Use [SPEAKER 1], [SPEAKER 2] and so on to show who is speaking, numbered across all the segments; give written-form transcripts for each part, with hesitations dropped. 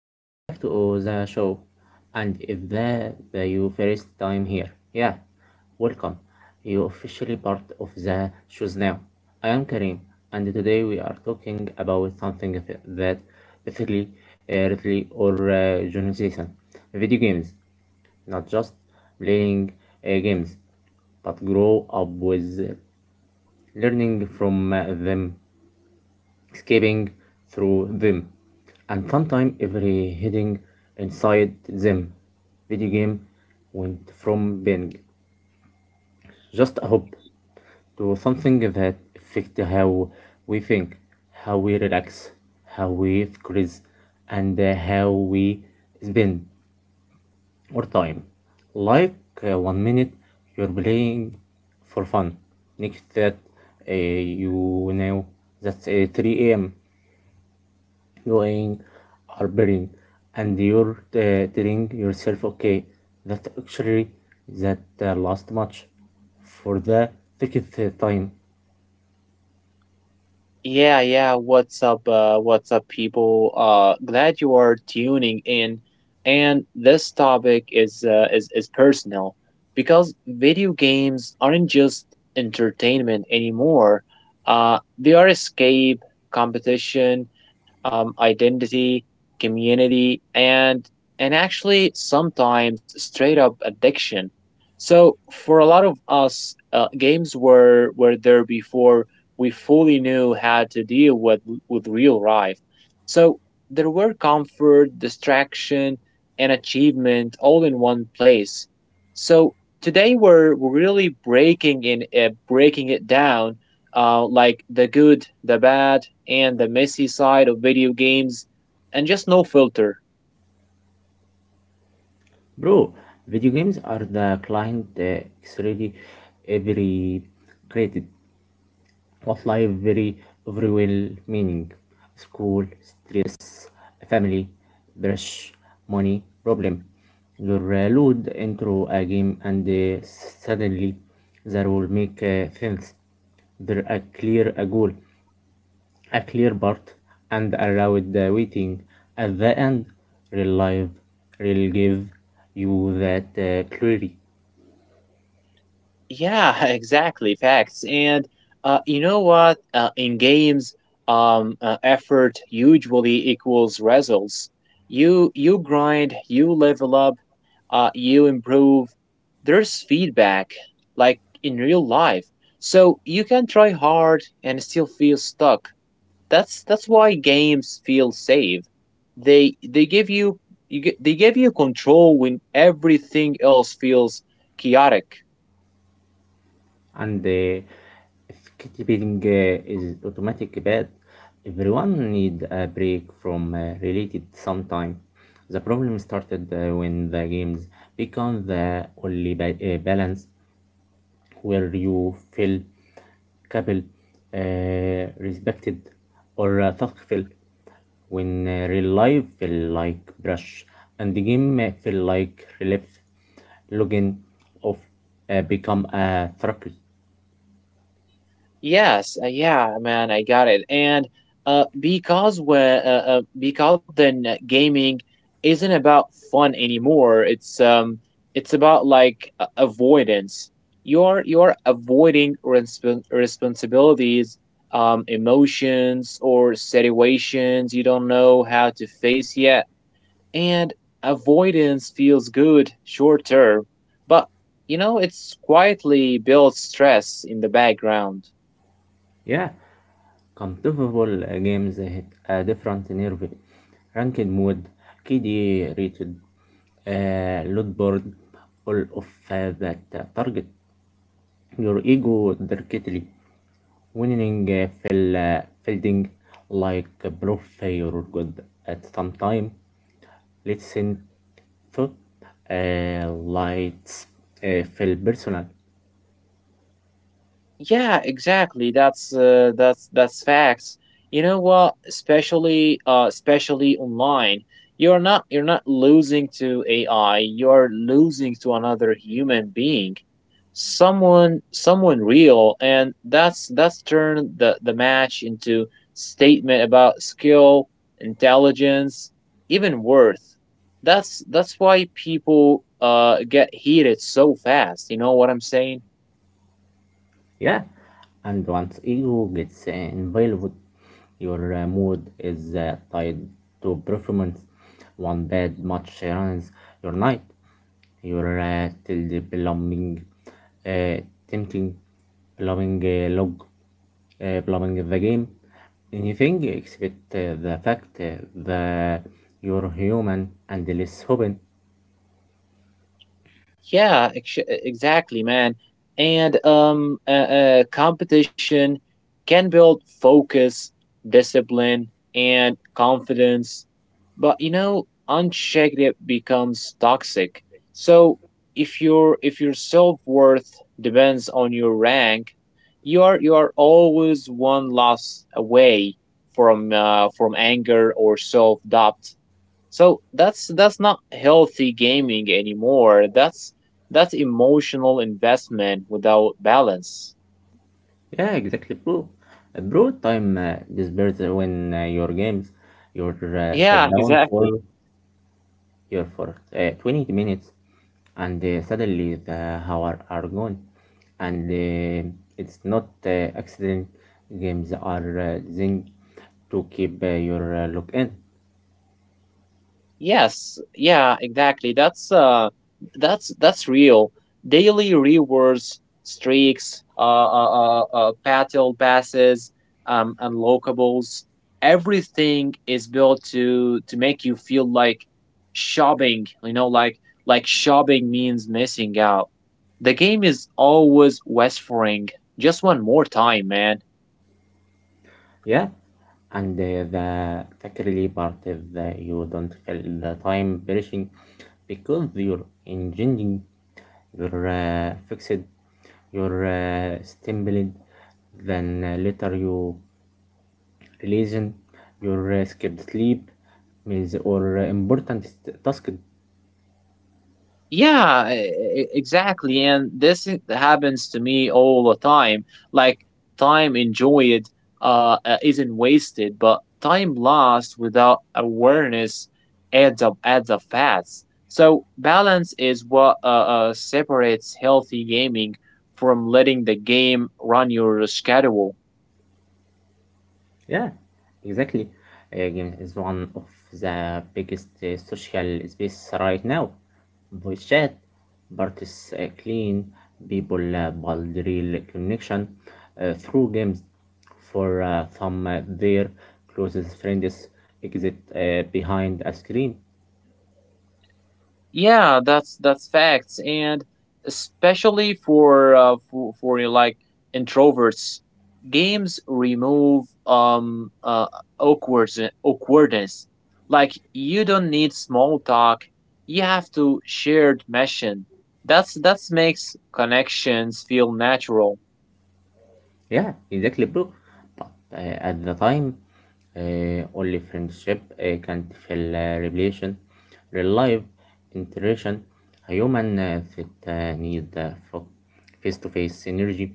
[SPEAKER 1] Welcome back to the show. And if the, the you first time here, yeah, welcome. You officially part of the shows now. I am Karim, and today we are talking about something that basically, really or generalization, video games. Not just playing games, but grow up with learning from them escaping through them, and sometimes every hiding inside them. Video game went from being just a hobby to something that affects how we think, how we relax, how we stress, and how we spend our time. Like one minute you're playing for fun, next that uh, you know that's 3 a.m. going are building and you're telling yourself okay that actually that last match for the thickest time.
[SPEAKER 2] Yeah, yeah. What's up? What's up, people? Glad you are tuning in. And this topic is personal because video games aren't just entertainment anymore. They are escape, competition, identity, community, and actually sometimes straight up addiction. So for a lot of us, games were there before we fully knew how to deal with real life. So there were comfort, distraction, and achievement all in one place. So today we're really breaking it down, like the good, the bad, and the messy side of video games, and just no filter.
[SPEAKER 1] Bro, video games are the client really every created what life very everywhere meaning school street family brush money problem. You're lured into a game and suddenly there will make sense. There a clear a goal, a clear part, and allowed the waiting at the end. Real life will give you that clarity.
[SPEAKER 2] Yeah, exactly. Facts. And you know what? In games, effort usually equals results. You grind, you level up, you improve. There's feedback, like in real life. So you can try hard and still feel stuck. That's why games feel safe. They they give you, they give you control when everything else feels chaotic.
[SPEAKER 1] And if keeping is automatic bad, everyone need a break from related sometime. The problem started when the games become the only balance where you feel capable, respected, or thoughtful. When real life feel like brush and the game feel like relief, login off, become a therapy.
[SPEAKER 2] Yes, yeah, man, I got it. And because then gaming isn't about fun anymore. It's about like avoidance. You're avoiding responsibilities, emotions or situations you don't know how to face yet. And avoidance feels good short term, but it's quietly builds stress in the background.
[SPEAKER 1] Yeah, compatible games hit a different nerve. Ranked mode, KD rated, load board, all of that target your ego directly, winning fill, fielding like proof you're good at some time. Listen to lights fill personal.
[SPEAKER 2] Yeah, exactly. That's facts. You know what? Especially online, you're not losing to AI. You're losing to another human being, someone real, and that's turned the match into statement about skill, intelligence, even worth. That's why people get heated so fast. You know what I'm saying?
[SPEAKER 1] Yeah, and once ego gets involved your mood is tied to performance one bad match ruins your night your till the plumbing uh, tempting plumbing log plumbing the game anything except the fact that you're human and less open.
[SPEAKER 2] Yeah, exactly, man. And competition can build focus, discipline, and confidence. But unchecked, it becomes toxic. So if your self worth depends on your rank, you are always one loss away from anger or self doubt. So that's not healthy gaming anymore. That's emotional investment without balance.
[SPEAKER 1] Yeah, exactly, bro. Bro, time disappears when your games you're sat
[SPEAKER 2] Yeah,
[SPEAKER 1] down
[SPEAKER 2] exactly.
[SPEAKER 1] for 20 minutes, and suddenly the hour are gone, and it's not accident. Games are thing to keep your look in.
[SPEAKER 2] Yes, yeah, exactly. That's real. Daily rewards, streaks, battle passes, unlockables, everything is built to make you feel like shopping, like shopping means missing out. The game is always whispering, just one more time, man.
[SPEAKER 1] Yeah, and the particularly part is that you don't feel the time perishing because you're engaging, you're fixed, you're stimulated, then later you releasing, your skipped sleep means or important task.
[SPEAKER 2] Yeah, exactly. And this happens to me all the time. Like time enjoyed isn't wasted, but time lost without awareness adds up fast. So balance is what separates healthy gaming from letting the game run your schedule.
[SPEAKER 1] Yeah, exactly. Games is one of the biggest social space right now. Voice chat, but it's clean, people build real connection through games. For some, their closest friends exist behind a screen.
[SPEAKER 2] Yeah, that's facts, and especially for like introverts, games remove awkward awkwardness. Like you don't need small talk. You have to shared mission. That's makes connections feel natural.
[SPEAKER 1] Yeah, exactly, bro. But at the time, only friendship can't fill revelation, real life interaction. A human fit need face to face energy.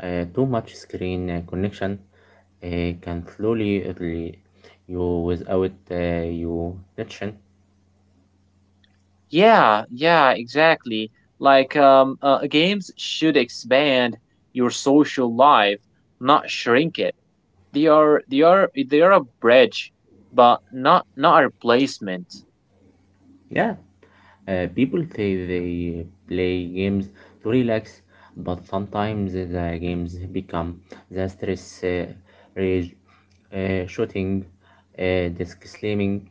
[SPEAKER 1] Too much screen connection uh, can slowly lead you without you attention.
[SPEAKER 2] Yeah, yeah, exactly. Like games should expand your social life, not shrink it. They are a bridge, but not a replacement.
[SPEAKER 1] Yeah, people say they play games to relax, but sometimes the games become the stress rage, shooting, desk slamming.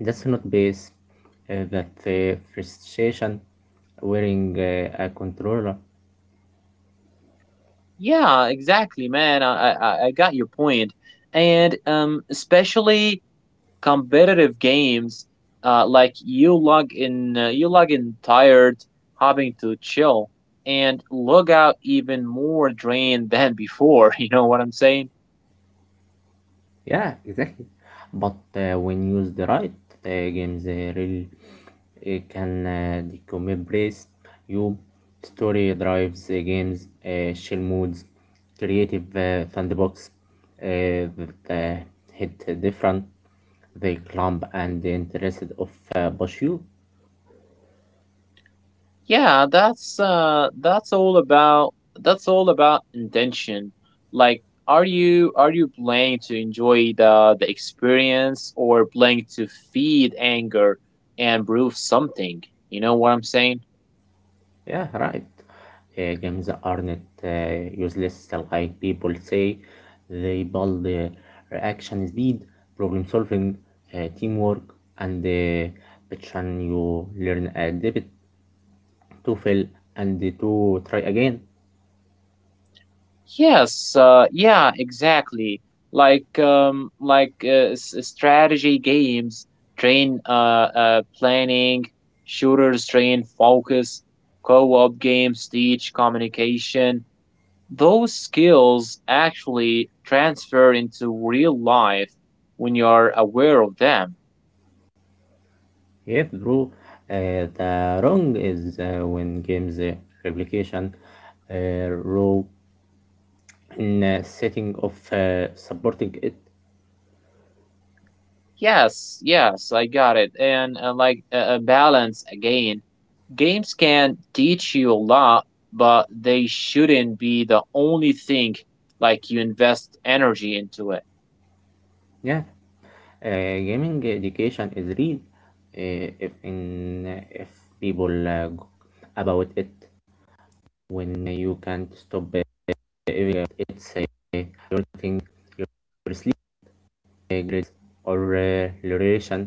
[SPEAKER 1] That's not base. That frustration wearing a controller.
[SPEAKER 2] Yeah, exactly, man. I got your point, and especially competitive games, like you log in tired, having to chill, and log out even more drained than before. You know what I'm saying?
[SPEAKER 1] Yeah, exactly. But when used right, games really can decompress you. Story drives games, chill moods, creative sandbox uh, that hit different the clump and the interest of push you.
[SPEAKER 2] Yeah, that's all about intention. Like are you playing to enjoy the experience or playing to feed anger and prove something? You know what I'm saying?
[SPEAKER 1] Yeah, right. Games aren't useless, like people say. They build reaction speed, problem solving, teamwork, and passion. You learn a debit to fail and to try again.
[SPEAKER 2] Yes, yeah, exactly. Like like strategy games train planning, shooters train focus, co-op games teach communication. Those skills actually transfer into real life when you're aware of them.
[SPEAKER 1] Yeah, true. The wrong is when games replication row in setting of supporting it.
[SPEAKER 2] Yes, yes, I got it. And like balance again, games can teach you a lot, but they shouldn't be the only thing like you invest energy into it.
[SPEAKER 1] Yeah, gaming education is real if people go about it when you can't stop even it's your thing your sleep grades or duration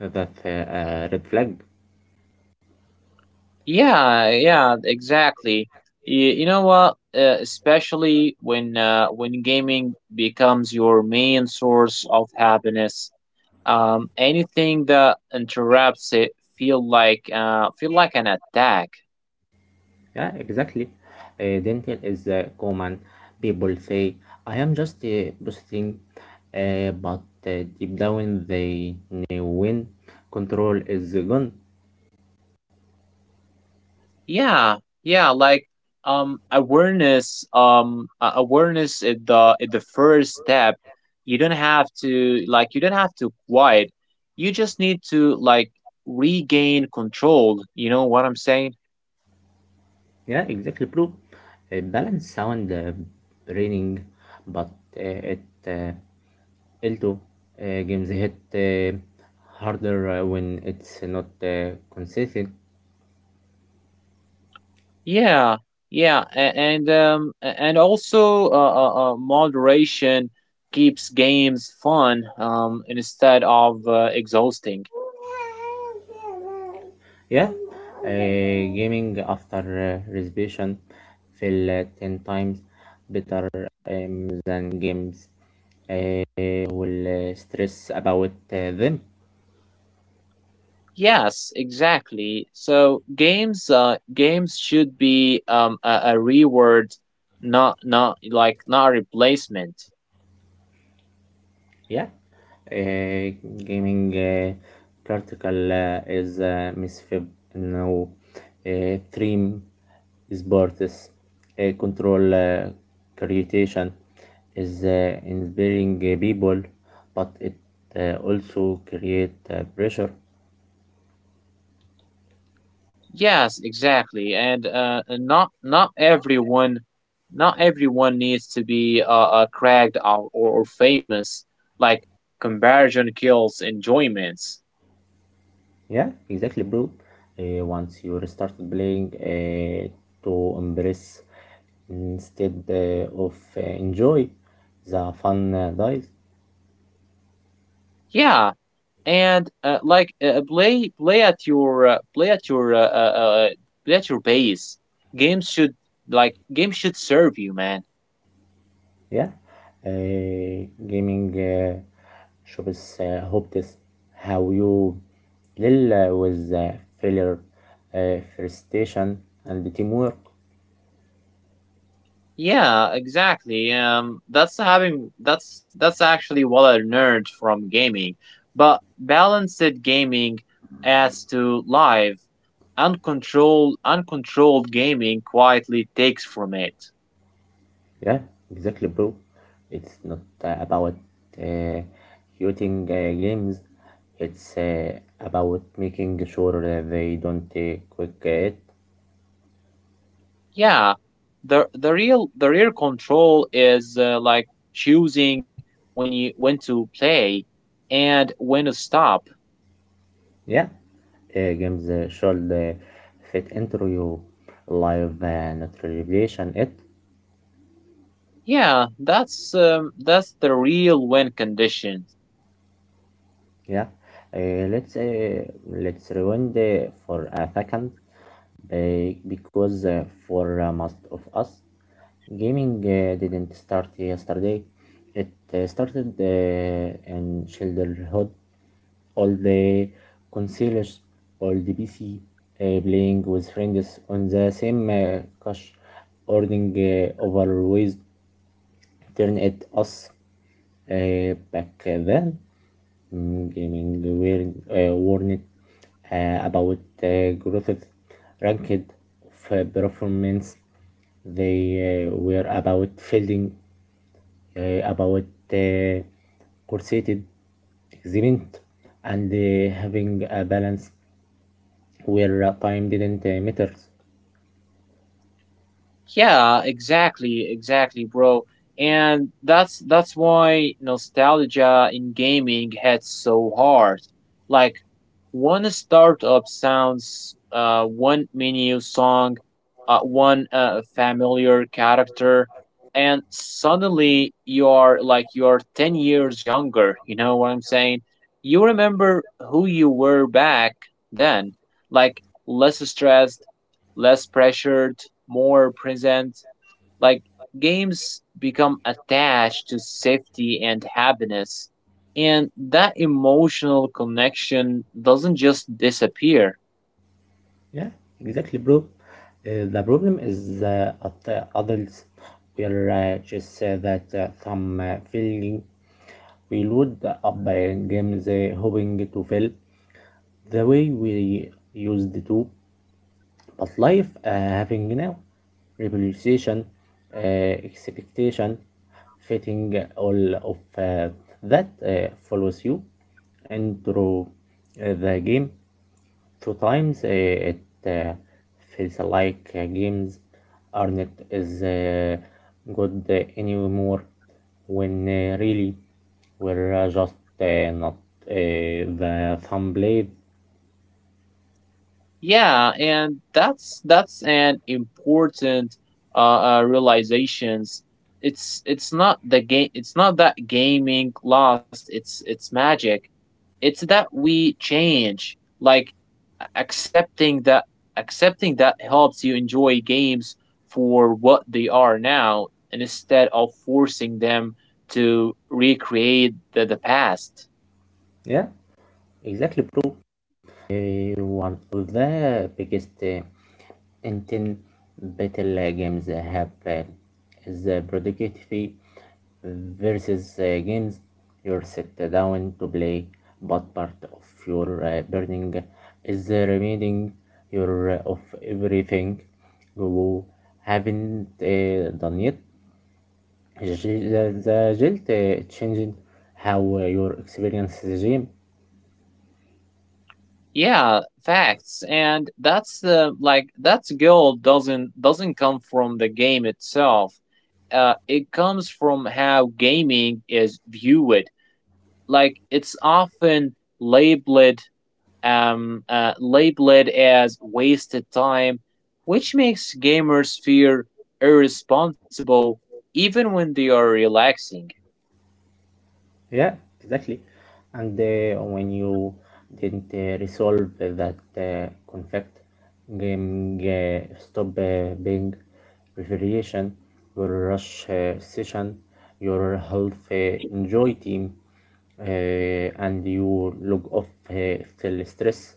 [SPEAKER 1] that red flag.
[SPEAKER 2] Yeah, yeah, exactly. You know what? Especially when gaming becomes your main source of happiness. Anything that interrupts it feel like an attack.
[SPEAKER 1] Yeah, exactly, dental is common people say I am just boosting but deep down they know when control is gone.
[SPEAKER 2] Yeah, yeah, like awareness. Awareness is the first step. You don't have to like you don't have to quiet. You just need to like regain control. You know what I'm saying?
[SPEAKER 1] Yeah, exactly, bro. A balanced sound raining, but it l games hit harder when it's not consistent.
[SPEAKER 2] Yeah, yeah, and also moderation keeps games fun, instead of exhausting.
[SPEAKER 1] Yeah, gaming after reservation feel 10 times better than games will stress about them.
[SPEAKER 2] Yes, exactly. So games should be a reward, not a replacement.
[SPEAKER 1] Yeah, uh, gaming practical is misfib now. Stream sports control creation is inspiring people, but it also create pressure.
[SPEAKER 2] Yes, exactly. And not everyone needs to be cracked, or famous. Like comparison kills enjoyments.
[SPEAKER 1] Yeah, exactly, bro. Once you start playing to embrace instead of enjoy, the fun dies.
[SPEAKER 2] Yeah, and like play at your base. Games should games should serve you, man.
[SPEAKER 1] Yeah, gaming shops helped us how you deal with failure, frustration, and the teamwork.
[SPEAKER 2] Yeah, exactly. That's having that's actually what I learned from gaming. But balanced gaming adds to life. Uncontrolled gaming quietly takes from it.
[SPEAKER 1] Yeah, exactly, bro. It's not about uh, shooting games. It's about making sure that they don't quick it.
[SPEAKER 2] Yeah, the real control is like choosing when to play and when to stop.
[SPEAKER 1] Yeah, games should fit into your life, not revelation it.
[SPEAKER 2] Yeah, that's the real win condition.
[SPEAKER 1] Yeah. Let's rewind for a second, because for most of us, gaming didn't start yesterday. It started in childhood. All the consoles, all the PC, playing with friends on the same couch, ordering over ways turned it us back then. Gaming were warned about the growth ranked of performance. They were about fielding, uh, about uh, corseted experiment, and having a balance where time didn't matter.
[SPEAKER 2] Yeah, exactly, exactly, bro. And that's why nostalgia in gaming hits so hard. Like one startup sounds, one menu song, one familiar character, and suddenly you are 10 years younger. You know what I'm saying? You remember who you were back then, like less stressed, less pressured, more present. Like games become attached to safety and happiness, and that emotional connection doesn't just disappear.
[SPEAKER 1] Yeah, exactly, bro. The problem is at adults, we just that some feeling we load up games hoping to fail the way we used to, but life having now revolution, uh, expectation, fitting all of that follows you into the game sometimes it feels like games aren't as good anymore when really we're just not the thumb blade.
[SPEAKER 2] Yeah, and that's an important realizations. It's not the game. It's not that gaming lost its magic. It's that we change. Like a- accepting that accepting that helps you enjoy games for what they are now, and instead of forcing them to recreate the past.
[SPEAKER 1] Yeah, exactly, bro. Eh, one of the biggest Intel battle games have the productivity versus games you're set down to play, but part of your burning is reminding your of everything you haven't done yet. The, the guilt changing how your experience is game?
[SPEAKER 2] Yeah, facts. And that's the like that's goal doesn't come from the game itself. It comes from how gaming is viewed. Like it's often labeled labeled as wasted time, which makes gamers feel irresponsible even when they are relaxing.
[SPEAKER 1] Yeah, exactly. And when you didn't resolve that conflict, game stop being variation, your rush session, your health enjoy team, uh, and you log off still stress.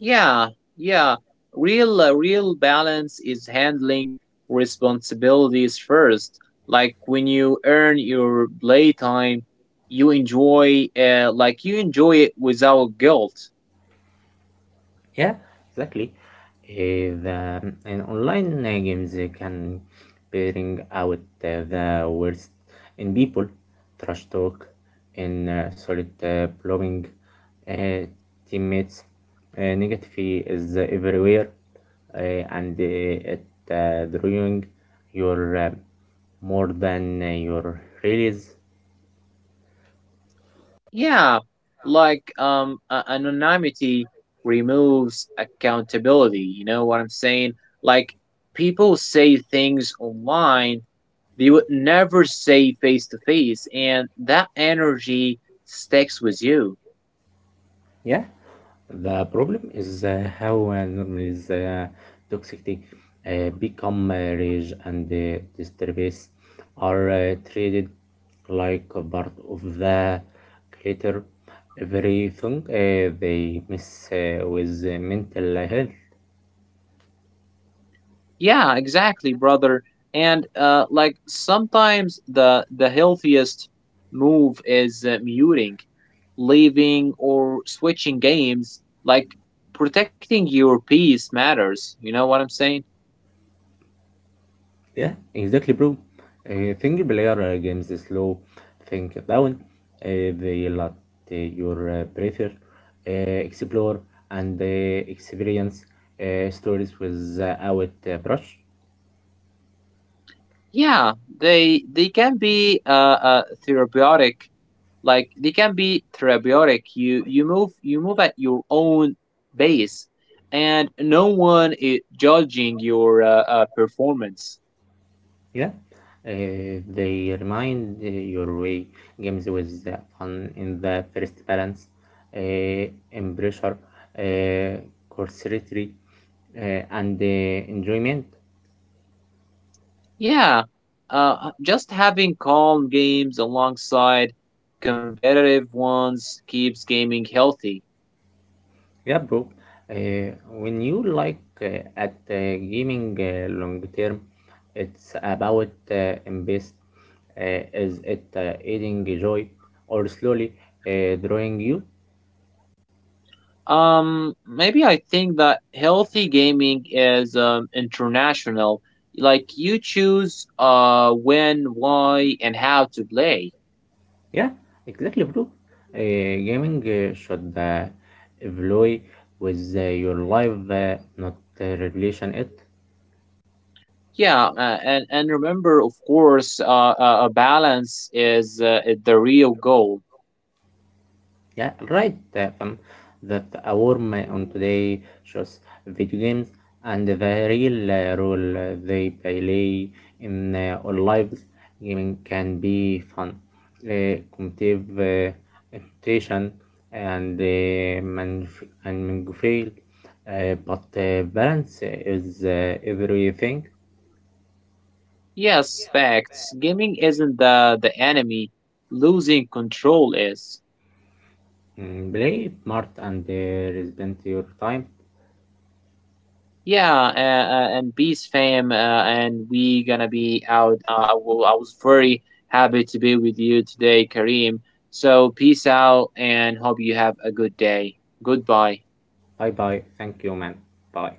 [SPEAKER 2] Yeah, yeah. Real balance is handling responsibilities first. Like when you earn your playtime, you enjoy it without guilt.
[SPEAKER 1] Yeah, exactly. Eh, the and online games can bring out the worst in people, trash talk, and solid blowing, uh, teammates, negativity is everywhere, uh, and it drawing your more than your release.
[SPEAKER 2] Yeah, like anonymity removes accountability. You know what I'm saying? Like people say things online they would never say face to face, and that energy sticks with you.
[SPEAKER 1] Yeah, the problem is how normally the toxicity become rage and disturbance are treated like a part of the culture. Everything they miss with mental health.
[SPEAKER 2] Yeah, exactly, brother. And like sometimes the healthiest move is muting, leaving, or switching games. Like protecting your peace matters. You know what I'm saying?
[SPEAKER 1] Yeah, exactly, bro. Think player games slow, think down. They let your breather explore and experience stories without brush.
[SPEAKER 2] Yeah, they can be therapeutic. Like they can be therapeutic. You move at your own pace, and no one is judging your performance.
[SPEAKER 1] Yeah, they remind your way games with fun in the first balance, embrace curiosity, and enjoyment.
[SPEAKER 2] Yeah, just having calm games alongside competitive ones keeps gaming healthy.
[SPEAKER 1] Yeah, bro. When you like at gaming long term, it's about invest. Is it adding joy or slowly drawing you?
[SPEAKER 2] Maybe I think that healthy gaming is international. Like you choose when, why, and how to play.
[SPEAKER 1] Yeah, exactly, bro. Gaming should evolve with your life, not relation it.
[SPEAKER 2] Yeah, and remember, of course, a balance is the real goal.
[SPEAKER 1] Yeah, right, Stefan. That's our my on today shows video games and the real role they play in our lives. Gaming can be fun, competitive competition, and manufactured, but balance is everything.
[SPEAKER 2] Yes, facts. Gaming isn't the enemy. Losing control is.
[SPEAKER 1] Mm, play smart and respect your time.
[SPEAKER 2] Yeah, and peace, fam, and we gonna be out. I was very happy to be with you today, Kareem. So peace out, and hope you have a good day. Goodbye.
[SPEAKER 1] Bye bye. Thank you, man. Bye.